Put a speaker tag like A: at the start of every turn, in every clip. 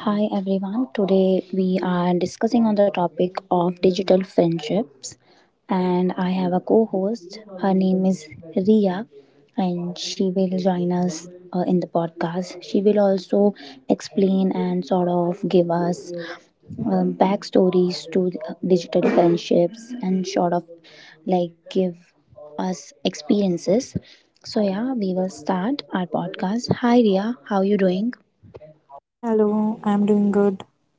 A: Hi everyone. Today we are discussing on the topic of digital friendships and I have a co-host. Her name is Ria and she will join us in the podcast. She will also explain and sort of give us backstories to the digital friendships and sort of like give us experiences. So yeah, we will start our podcast. Hi Ria, how you doing?
B: Hello, I'm doing good.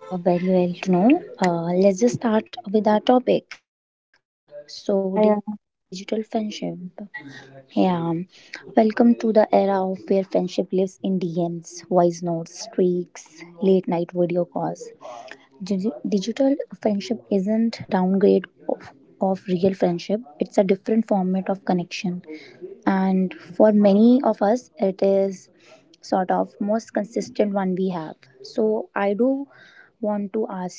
A: Very well to know. Let's just start with our topic. So, digital
B: Yeah, yeah.
A: friendship. Yeah. Welcome to the era of where friendship lives in DMs, voice notes, streaks, late night video calls, digital friendship isn't downgrade of real friendship, it's a different format of connection, and for many of us it is sort of most consistent one we have. So I do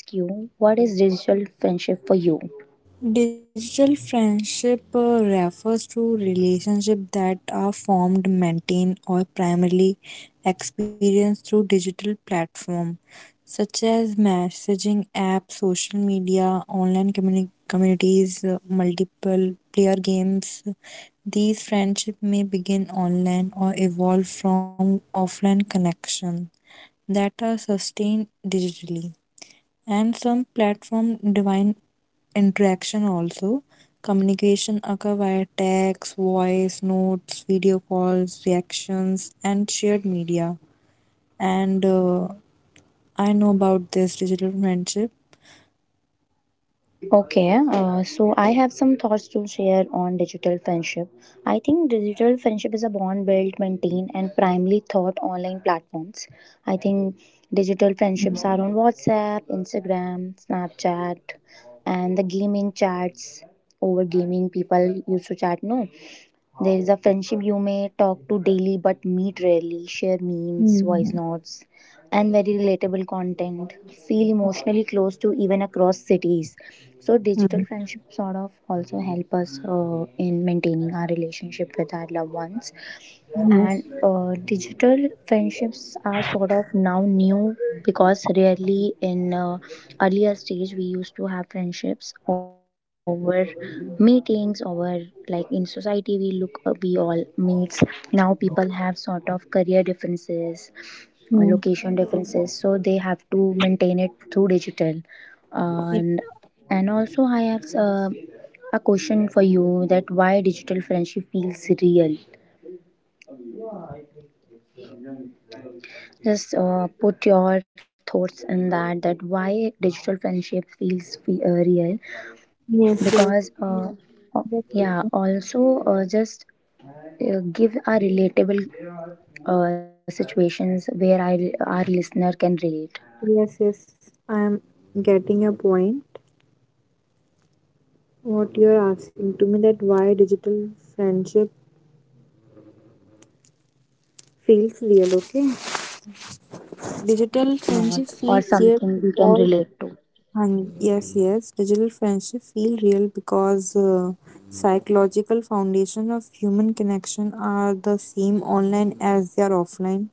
A: want to ask you, what is digital friendship for you?
B: Digital friendship refers to relationships that are formed, maintained, or primarily experienced through digital platform, such as messaging apps, social media, online communities, multiple player games. These friendships may begin online or evolve from offline connection that are sustained digitally. And some platform divine interaction also. Communication occur via text, voice, notes, video calls, reactions, and shared media. And I know about this digital friendship.
A: Okay, so I have some thoughts to share on digital friendship. I think digital friendship is a bond maintained, and primarily taught online platforms. I think digital friendships are
B: Mm,
A: on WhatsApp, Instagram, Snapchat, and the gaming chats. Over gaming, people used to chat, no? There is a
B: see.
A: friendship you may talk to daily but meet rarely, share memes, voice
B: Mm,
A: notes, and very relatable content. Feel emotionally close to even across cities. So digital
B: mm,
A: friendship sort of also help us in maintaining our relationship with our loved ones, and
B: yeah,
A: digital friendships are sort of now new because really in earlier stage we used to have friendships over meetings, over like in society we look we all meets. Now people have sort of career differences, location
B: mm.
A: differences, so they have to maintain it through digital.
B: Y-
A: And and also I have a question for you, that why digital friendship feels real. Just put your thoughts in that. That why digital friendship feels real,
B: Yes, yes,
A: because uh,
B: yes,
A: yeah.
B: teacher.
A: Also, just give our relatable situations where our listener can relate.
B: Yes, yes. I am getting your point. What you are asking to me that why digital friendship feels real, okay?
A: Yeah, digital friendships are real
B: Digital
A: or
B: friendship
A: not,
B: feels
A: or
B: real
A: something we can
B: because
A: relate to.
B: yes, yes, digital friendship feel real because psychological foundation of human connection are the same online as they are offline.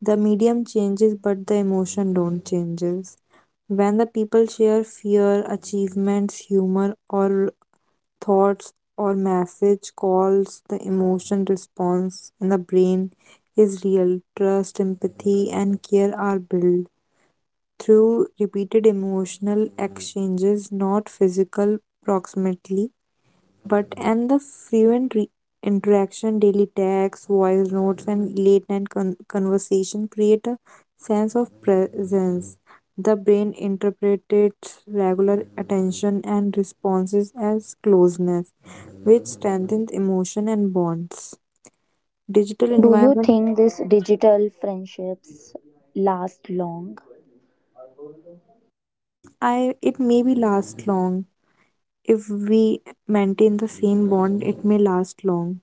B: The medium changes, but the emotion
A: Right.
B: don't changes. When the people share fear, achievements, humor, or thoughts or message calls, the emotion response in the brain is real. Trust, empathy, and care are built through repeated emotional exchanges, not physical proximity, but and the frequent interaction, daily texts, voice notes, and late night conversation create a sense of presence. The brain interprets regular attention and responses as closeness, which strengthens emotion and bonds. Digital
A: Do you
B: environment.
A: think these digital friendships last long?
B: Hmm, I it may be last long if we maintain the same bond, it may last long.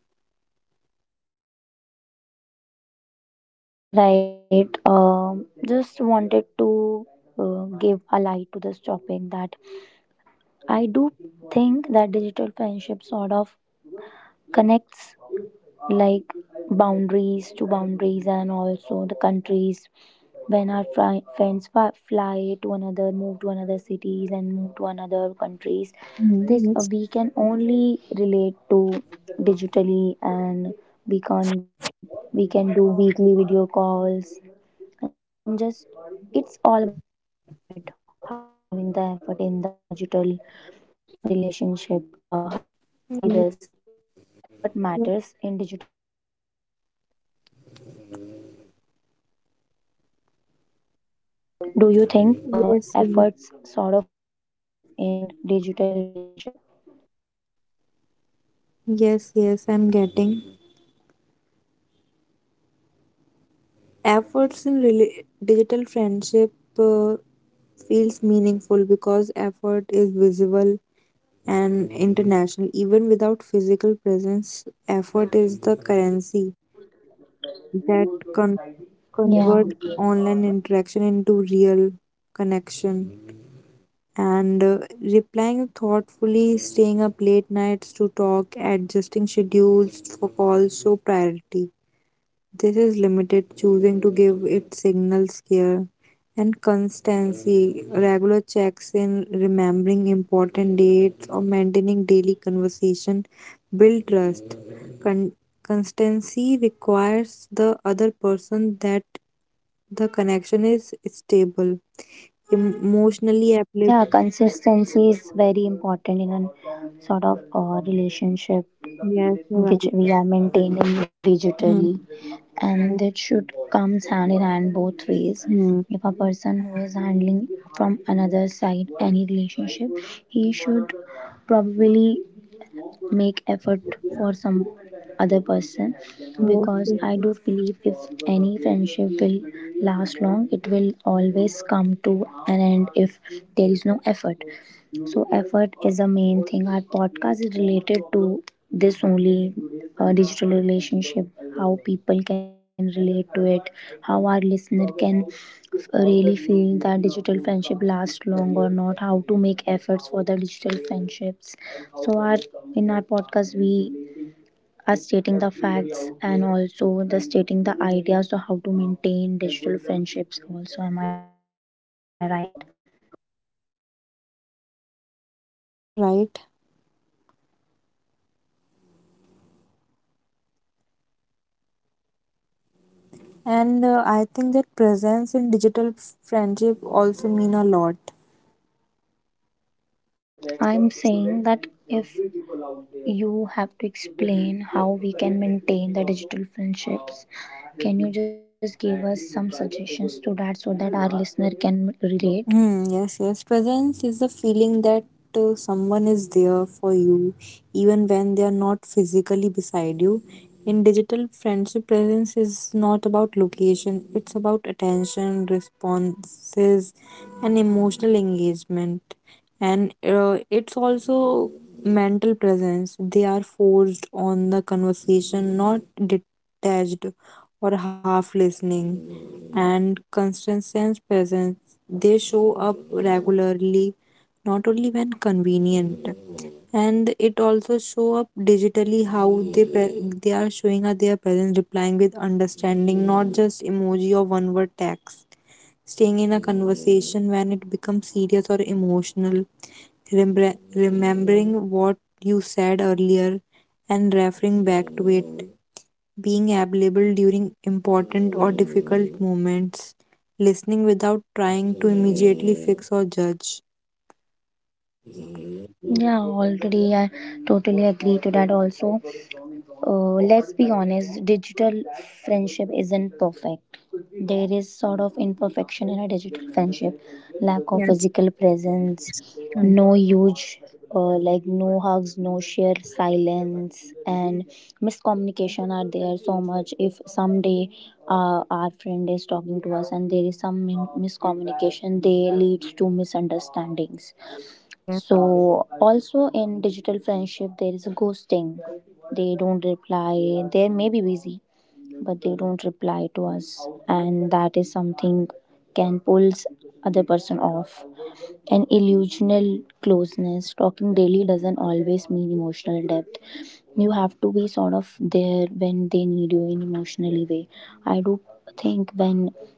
A: Right. Just wanted to give a light to this topic, that I do think that friendship sort of connects like boundaries to boundaries and also the countries. When our fri friends fly to another, move to another cities and move to another countries,
B: Mm,
A: this
B: that's
A: we can only relate to digitally, and we can we can do weekly video calls, and just it's all about effort. How you giving the effort in the digital relationship, how you see this?
B: true.
A: The effort matters in digital relationships. Do you think
B: Yes,
A: efforts
B: yes,
A: sort of matter in digital relationship?
B: yes, yes, I'm getting. Efforts in digital friendship uh, feels meaningful because effort is visible and international. Even without physical presence, effort is the currency that con-
A: Yeah.
B: convert online interaction into real connection. And replying thoughtfully, staying up late nights to talk, adjusting schedules for calls show priority. This is limited, choosing to give it signals care and constancy, regular checks in, remembering important dates, or maintaining daily conversation build trust. Con- Constancy requires the other person that the connection is stable, emotionally
A: Yeah,
B: available.
A: consistency is very important in an sort of relationship
B: Yes, you're right.
A: which we are maintaining
B: Hmm.
A: digitally, and that should comes hand in hand both ways.
B: Mhm.
A: If a person who is handling from another side any relationship, he should probably make effort for some other person,
B: Yes, yes.
A: because I do believe if any friendship will last long, it will always come to an end if there is no effort. So effort is a main thing. Our podcast is related to this only, digital relationship, how people can relate to it, how our listener can really feel that digital friendship lasts long or not, how to make efforts for the digital friendships. So our, in our podcast we are stating the facts and also the stating the ideas of how to maintain digital friendships also, am I right?
B: Yes, you're right. And I think that presence in digital friendship also mean a lot.
A: I'm saying that if you have to explain how we can maintain the digital friendships, can you just give us some suggestions to that, so that our listener can relate?
B: Mm, yes, yes. Presence is the feeling that someone is there for you, even when they are not physically beside you. In digital friendship, presence is not about location, it's about attention, responses, and emotional engagement. And it's also mental presence. They are forced on the conversation, not detached or half listening, and constant sense presence, they show up regularly, not only when convenient, and it also show up digitally how they they are showing up their presence, replying with understanding, not just emoji or one word text. Staying in a conversation when it becomes serious or emotional, remembering what you said earlier and referring back to it, being available during important or difficult moments, listening without trying to immediately fix or judge.
A: Yeah, already I totally agree to that. Also, let's be honest, digital friendship isn't perfect. There is sort of imperfection in a digital friendship, lack of
B: Yeah.
A: physical presence,
B: Mm.
A: no huge, like no shared silence, and miscommunication are there so much. If someday our friend is talking to us and there is some miscommunication, they leads to misunderstandings.
B: Yeah.
A: So, also in digital friendship, there is a ghosting. They don't reply, they may be busy, but they don't reply to us, and that is something can pulls other person off. An illusional closeness, talking daily doesn't always mean emotional depth. You be sort of there when they need you in emotionally way. I do think when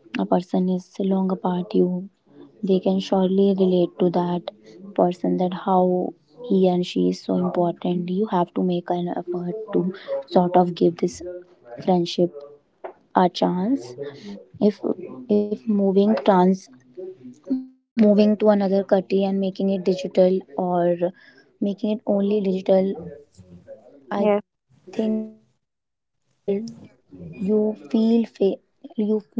A: a person is long apart, you, they can surely relate to that person, that how he and she is so important. You have to make an effort to sort of give this friendship a chance. if if moving trans, moving to another country and making it digital, or making it only digital, I
B: Yes.
A: think it is very difficult. You feel you feel sort of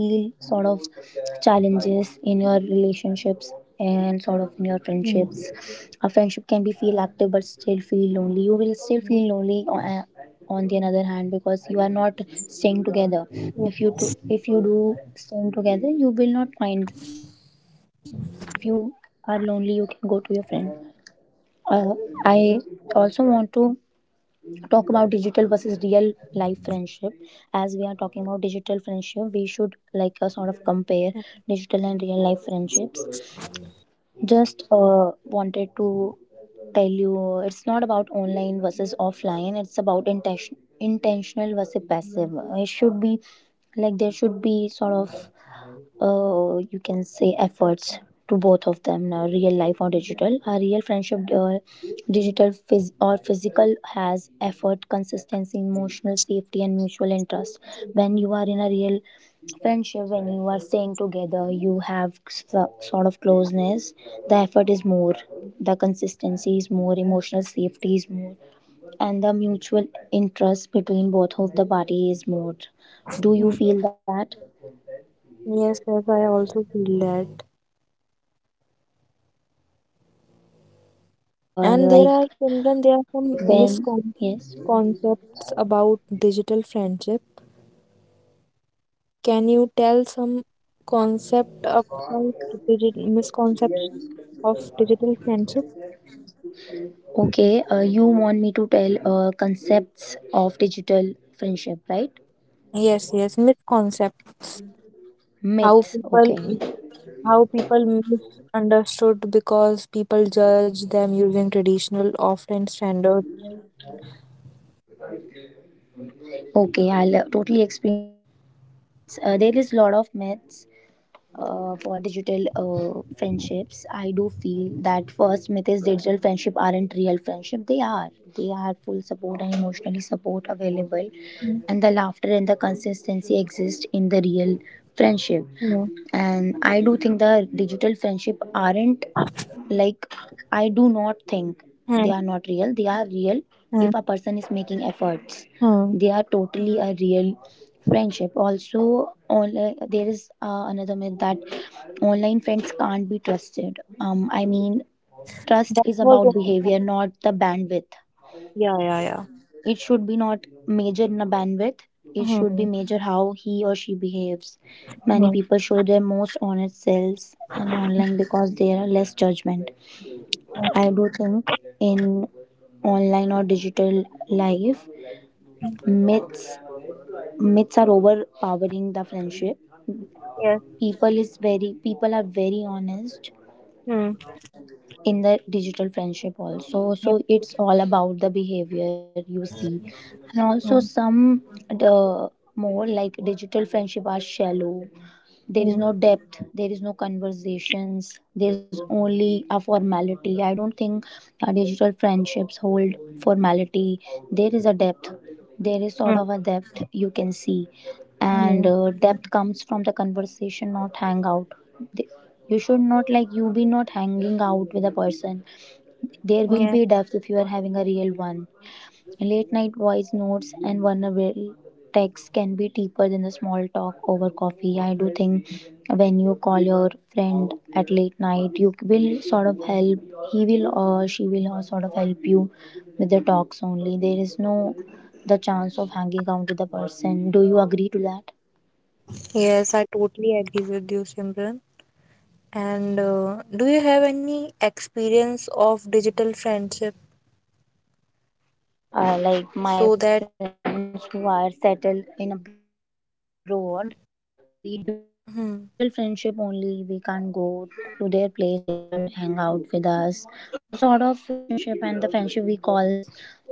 A: challenges in your relationships and sort of in your friendships.
B: Mm.
A: A friendship can be feel active but still feel lonely. You will still feel lonely on the other hand, because you are not staying together. If you to, if you do staying together, you will not find this, because if you are lonely, you can go to your friend. Uh, I also want to talk about digital versus real life friendship. As we are talking about digital friendship, we should like sort of compare digital and real life friendships. Just wanted to tell you, it's not about online versus offline, it's about intention, intentional versus passive, it should be like. There should be sort of you can say to both of them now, real life or digital. A real friendship, digital or physical, has effort, consistency, emotional safety, and mutual interest. When you are in a real friendship, when you are staying together, you have sort of closeness. The effort is more, the consistency is more, emotional safety is more, and the mutual interest between both of the party is more. Do you
B: Mm.
A: feel that?
B: Yes, yes, I also feel that.
A: Yeah, and
B: And
A: like
B: there are, Simran, there
A: when,
B: are some
A: yes,
B: misconceptions about digital friendship. Can you tell some concept about digit misconception of digital friendship?
A: okay. You want me to tell concepts of digital friendship, right?
B: Yes, yes, misconceptions. How
A: Myths.
B: people
A: Okay.
B: how people misunderstood because people judge them using traditional
A: Yes.
B: often standard.
A: Okay, I'll totally explain you myths. There is lot of myths for digital friendships. I do feel that first myth is digital friendship aren't real. They are full support and emotionally support available,
B: Hmm,
A: and the laughter and the consistency exist in the real friendship.
B: yeah.
A: And I do think the digital friendship aren't like, I do not think
B: Hmm,
A: they are not real, they are real.
B: hmm,
A: If a person is making efforts,
B: hmm.
A: they are a real friendship also. Online there is another myth that online friends can't be trusted. I mean, trust
B: that
A: is
B: was
A: about
B: a-
A: behavior, not the bandwidth.
B: yeah, yeah, yeah.
A: It should be not measured in a bandwidth, it
B: Hmm,
A: should be
B: hmm,
A: measured how he or she behaves. Many
B: hmm.
A: people show their most honest selves and online because there are less judgment. I do think in online or digital life, myths myths are overpowering the friendship.
B: Yes.
A: People are very honest
B: Hmm,
A: in the digital friendship also, so
B: yes.
A: it's all about the behavior, you see.
B: Hmm,
A: And also
B: hmm,
A: some, the, more like digital friendship are shallow, there is
B: hmm,
A: no depth, there is no conversations, there's only a formality. I don't think digital friendships hold formality, there is a depth, there is sort of
B: hmm.
A: a depth you can see. And
B: Hmm.
A: depth comes from the conversation, not hangout. Th- you should not like, you be not hanging out with a person, there will be
B: Yes,
A: depth if you are having a real one. Late night voice notes and vulnerable texts can be deeper than the small talk over coffee. I do think when you call your friend at late night, you will sort of help, he will or she will sort of help you with the talks only, there is no the chance of hanging out with the person. Do you agree to that?
B: yes, I totally agree with you, Simran. And do you have any experience of digital friendship
A: Yeah, like my
B: so that?
A: friends who are settled in abroad, we do have
B: Hmm,
A: digital friendship only. We can't go to their place. They can't hang out with us. So sort of relationship and the friendship, we calls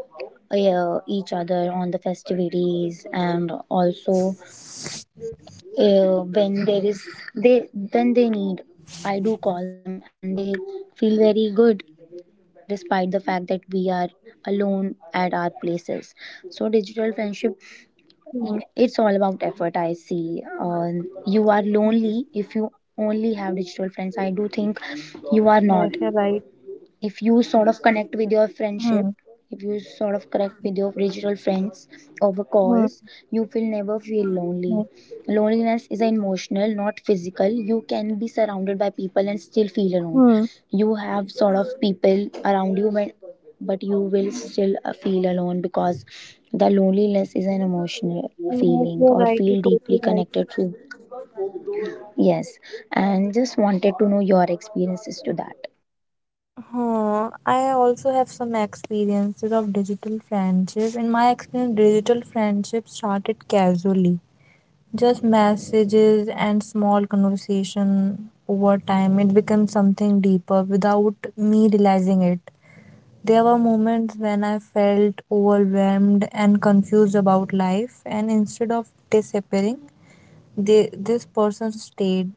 A: each other on the festivities, and also when there is, they, when they need, I do call them, and they feel very good despite the fact that we are alone at our places. So digital friendship,
B: hmm,
A: it's all about effort. I see. uh, you are
B: hmm.
A: lonely if you only have digital friends. I do think you
B: Yes,
A: are
B: you're
A: not
B: right.
A: connect with your friendship.
B: Hmm,
A: If you sort of connect with your original friends over calls,
B: hmm,
A: you will never feel lonely.
B: hmm.
A: Loneliness is an emotional, not physical. You can be surrounded by people and still feel alone.
B: Hmm.
A: You have sort of people around you, but you will still feel alone because the loneliness is an emotional
B: Yes,
A: feeling
B: you're
A: or
B: right.
A: feel
B: You're
A: deeply
B: totally right.
A: connected to. Yes, and just wanted to know your experiences to that.
B: Huh. I also have some experiences of digital friendship. In my experience, digital friendship started casually, just messages and small conversation over time. It became something deeper without me realizing it. There were moments when I felt overwhelmed and confused about life, and instead of disappearing, they, this person stayed.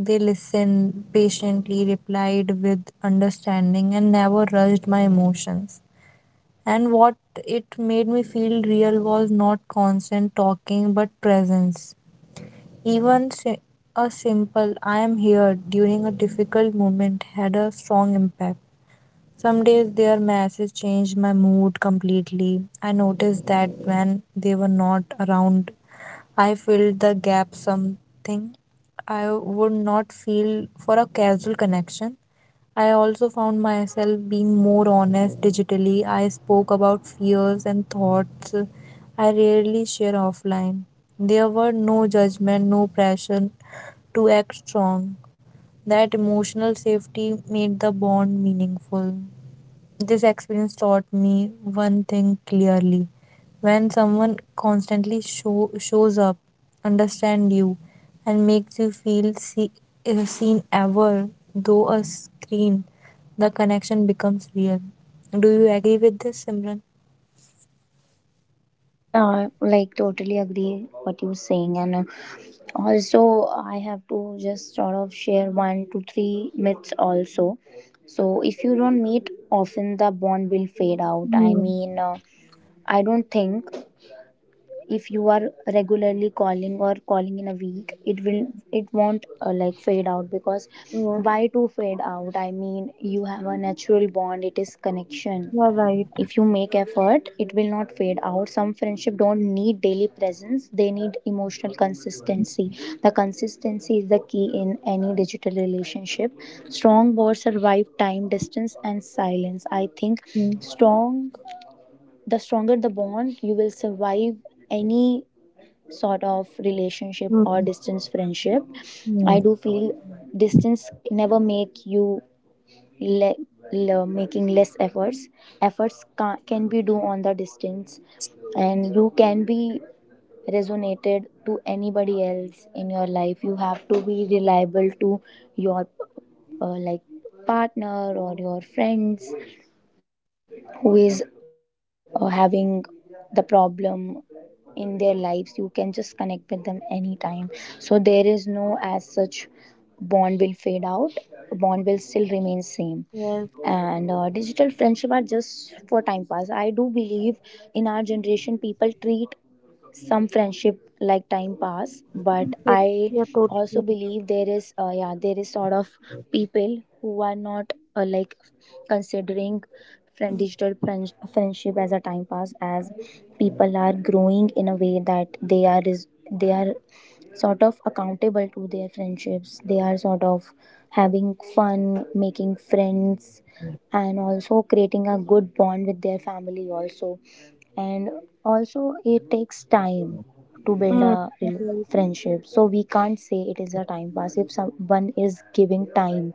B: They listened patiently, replied with understanding, and never rushed my emotions. And what it made me feel real was not constant talking but presence. Even a simple I am here during a difficult moment had a strong impact. Some days their message changed my mood completely. I noticed that when they were not around, I filled the gap something I would not feel for a casual connection. I also found myself being more honest digitally. I spoke about fears and thoughts I rarely share offline. There were no judgment, no pressure to act strong. That emotional safety made the bond meaningful. This experience taught me one thing clearly. When someone constantly shows up, understand you, and makes you feel seen ever though a screen, the connection becomes real. Do you agree with this, Simran?
A: Yeah, I, like, totally agree what you're saying, and also I have to just sort of share one to three myths also. So if you don't meet often, the bond will fade out. I
B: Hmm.
A: mean, I don't think if you are regularly calling or calling in a week, it will it won't like, fade out because
B: Yes,
A: why to fade out? I mean, you have a natural bond. It is connection.
B: you're right.
A: If you make effort, it will not fade out. Some friendship don't need daily presence, they need emotional consistency. The consistency is the key in any digital relationship. Strong bonds survive time, distance and silence, I think.
B: Hmm.
A: Strong the stronger the bond, you will survive any sort of relationship
B: Hmm.
A: or distance friendship. I
B: Hmm.
A: do feel distance never make you le- making less efforts. Efforts can be due on the distance and you can be resonated to anybody else in your life. You have to be reliable to your like, partner or your friends who is having the problem in their lives. You can just connect with them anytime. So there is no as such bond will fade out, bond will still remain same.
B: Yes,
A: And digital friendship are just for time pass, I do believe. In our generation, people treat some friendship like time pass, but I
B: yes, you're totally
A: also
B: right.
A: believe there is yeah, there is sort of people who are not like, considering friend, digital friend, friendship as a time pass. As people are growing in a way, they are is they are sort of accountable to their friendships. They are sort of having fun making friends and also creating a good bond with their family also. And also, it takes time to build
B: Mm.
A: a
B: You're right.
A: friendship, so we can't say it is a time pass if someone is giving time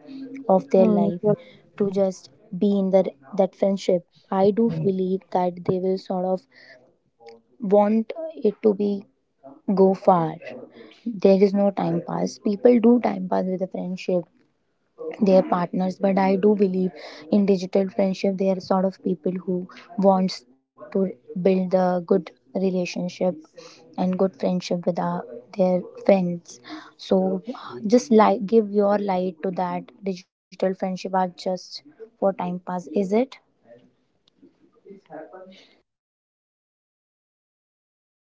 A: of their
B: Hmm.
A: life
B: You're
A: to just be in the, that friendship. I do believe that they will sort of want it to be, go far. There is no time pass. People do time pass with a friendship, their partners, but I do believe in digital friendship they are sort of people who wants to build a good relationship and good friendship with our, their friends. So just like, give your light to that, digital friendship are just for time pass, is it?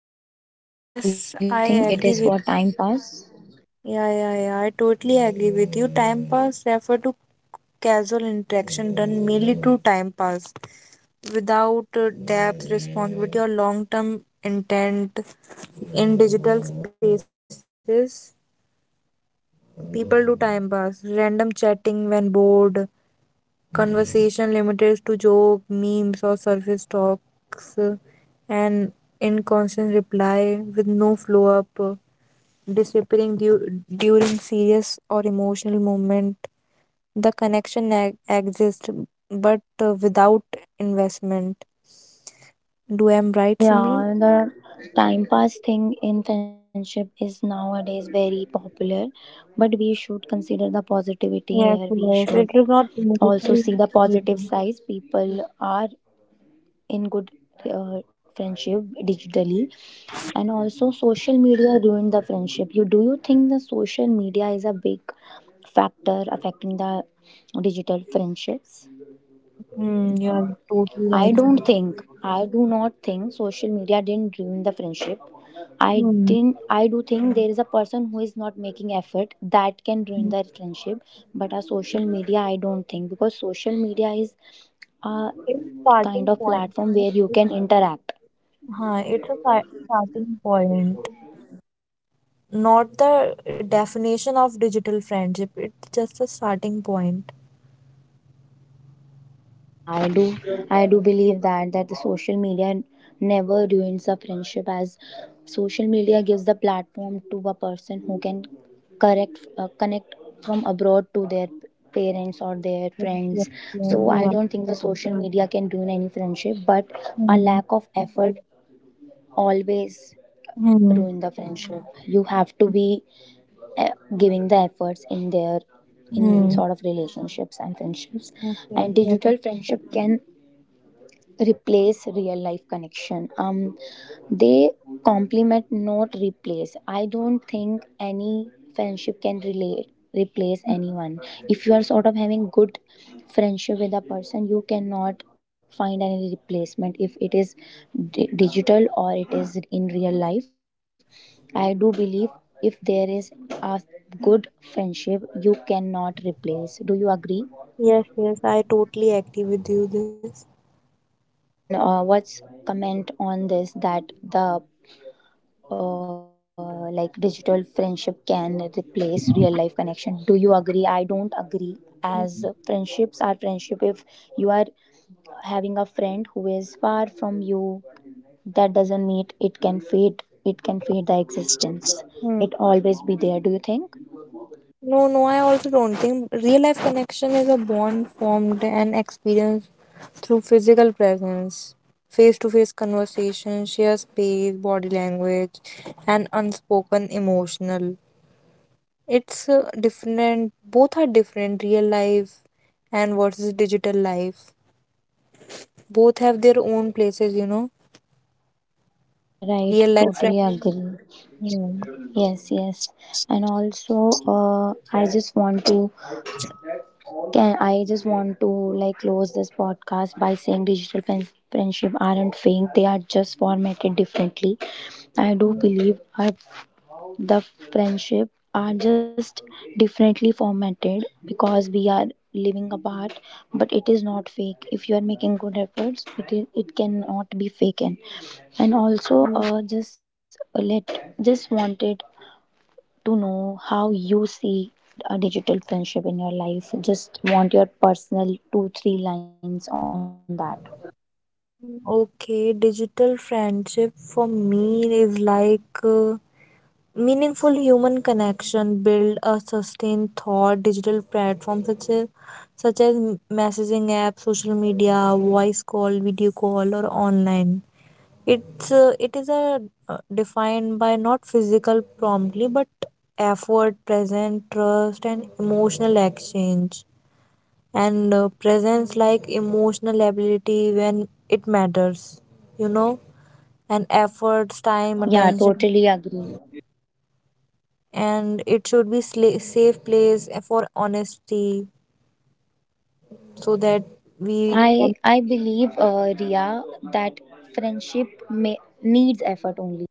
A: Do you think it is for
B: Yes,
A: time
B: I
A: pass?
B: agree with. Yeah, yeah, yeah. I totally agree with you. Time pass refer to casual interaction done merely to time pass without depth, responsibility, or long term intent. In digital spaces, people do time pass, random chatting when bored, conversation limited to joke, memes, or surface talks, and inconstant reply with no flow up, disappearing during serious or emotional moment. The connection exists, but without investment. Do I'm right, Simran?
A: Yeah, the time pass thing in friendship is nowadays very popular, but we should consider the positivity here.
B: Yes,
A: We
B: yes.
A: should
B: It is not
A: also
B: emotional.
A: see the positive
B: Even.
A: sides. People are good friendship digitally. And also, social media ruined the friendship, you do you think the social media is a big factor affecting the digital friendships?
B: Hmm, you're totally right. Simran.
A: I do not think social media didn't ruin the friendship. I
B: Hmm.
A: didn't I do think there is a person who is not making effort that can
B: Hmm.
A: ruin the friendship. But a social media, I don't think, because social media is a
B: It's
A: kind
B: starting
A: of
B: point.
A: platform where you can interact.
B: Huh, it's a starting point. Not the definition of digital friendship. It's just a starting point.
A: Yeah, I do. I do believe that the social media never ruins a friendship, as social media gives the platform to a person who can correct connect from abroad to their parents or their
B: Yes, yes,
A: friends.
B: yes,
A: So
B: you're
A: I
B: right.
A: don't think the social media can ruin any friendship, but a
B: Hmm.
A: lack of effort always
B: Hmm.
A: ruin the friendship. You have to be uh, giving the efforts in their, in
B: Hmm.
A: sort of relationships and friendships.
B: Yes, yes,
A: And
B: yes.
A: digital friendship can replace real life connection. Um, they complement, not replace. I don't think any friendship can relate replace anyone. If you are sort of having good friendship with a person, you cannot find any replacement, if it is digital or it is in real life. I do believe if there is a good friendship, you cannot replace. Do you agree?
B: Yes, yes, I totally agree with you this.
A: And what's comment on this, that the like, digital friendship can replace real life connection. Do you agree? I don't agree, as
B: Mhm.
A: friendships are friendship. If you are having a friend who is far from you, that doesn't mean it can fade, it can fade the existence.
B: Hmm.
A: It always be there. Do you think?
B: No, no, I also don't think real life connection is a bond formed and experienced through physical presence, face to face conversation, shared space, body language, and unspoken emotional. It's different, both are different, real life and versus digital life. Both have their own places, you know.
A: Yeah, right,
B: Real life
A: totally agree.
B: friends.
A: Yes, yes. And also, I just want to, Can I just want to like close this podcast by saying digital friends, friendship aren't fake; they are just formatted differently. I do believe our, the friendship are just differently formatted because we are living apart, but it is not fake. If you are making good efforts, it, is, it cannot be faken. And
B: Yeah.
A: also, just wanted to know how you see a digital friendship in your life. Just want your personal two, three lines on that.
B: Okay, digital friendship for me is like meaningful human connection, build a sustained thought. Digital platforms such as messaging apps, social media, voice call, video call, or online. It's it is a defined by not physical promptly, but effort, present, trust, and emotional exchange, and presence like emotional ability when it matters. You know and efforts,
A: Yeah,
B: time,
A: yeah,
B: attention,
A: totally agree.
B: and it should be safe place for honesty so that we
A: I
B: can.
A: I believe, Ria, that friendship may, needs effort only.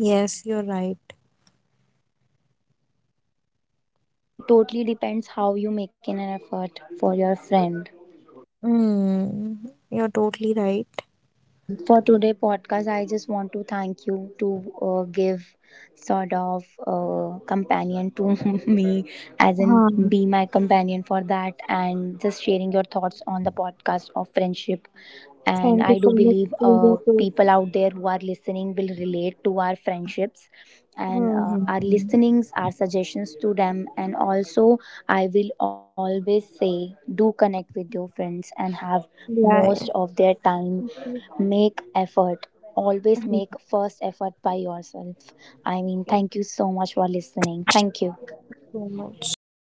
B: Yes, you're right.
A: Yeah, it totally depends how you make an effort for your friend.
B: Mm, you're totally right.
A: And for today podcast, I just want to thank you to give sort of companion to me, as in
B: Huh.
A: be my companion for that, and just sharing your thoughts on the podcast of friendship. And
B: Thank you
A: I
B: so
A: do
B: much
A: believe
B: for your.
A: people out there who are listening will relate to our friendships and
B: Hmm.
A: our listenings, our suggestions to them. And also, I will always say, do connect with your friends and have
B: Yeah,
A: most
B: yeah.
A: of their time. Make effort, always make
B: Thank
A: first effort by yourself. I mean, thank
B: you
A: you so much for listening. Thank you.
B: so much.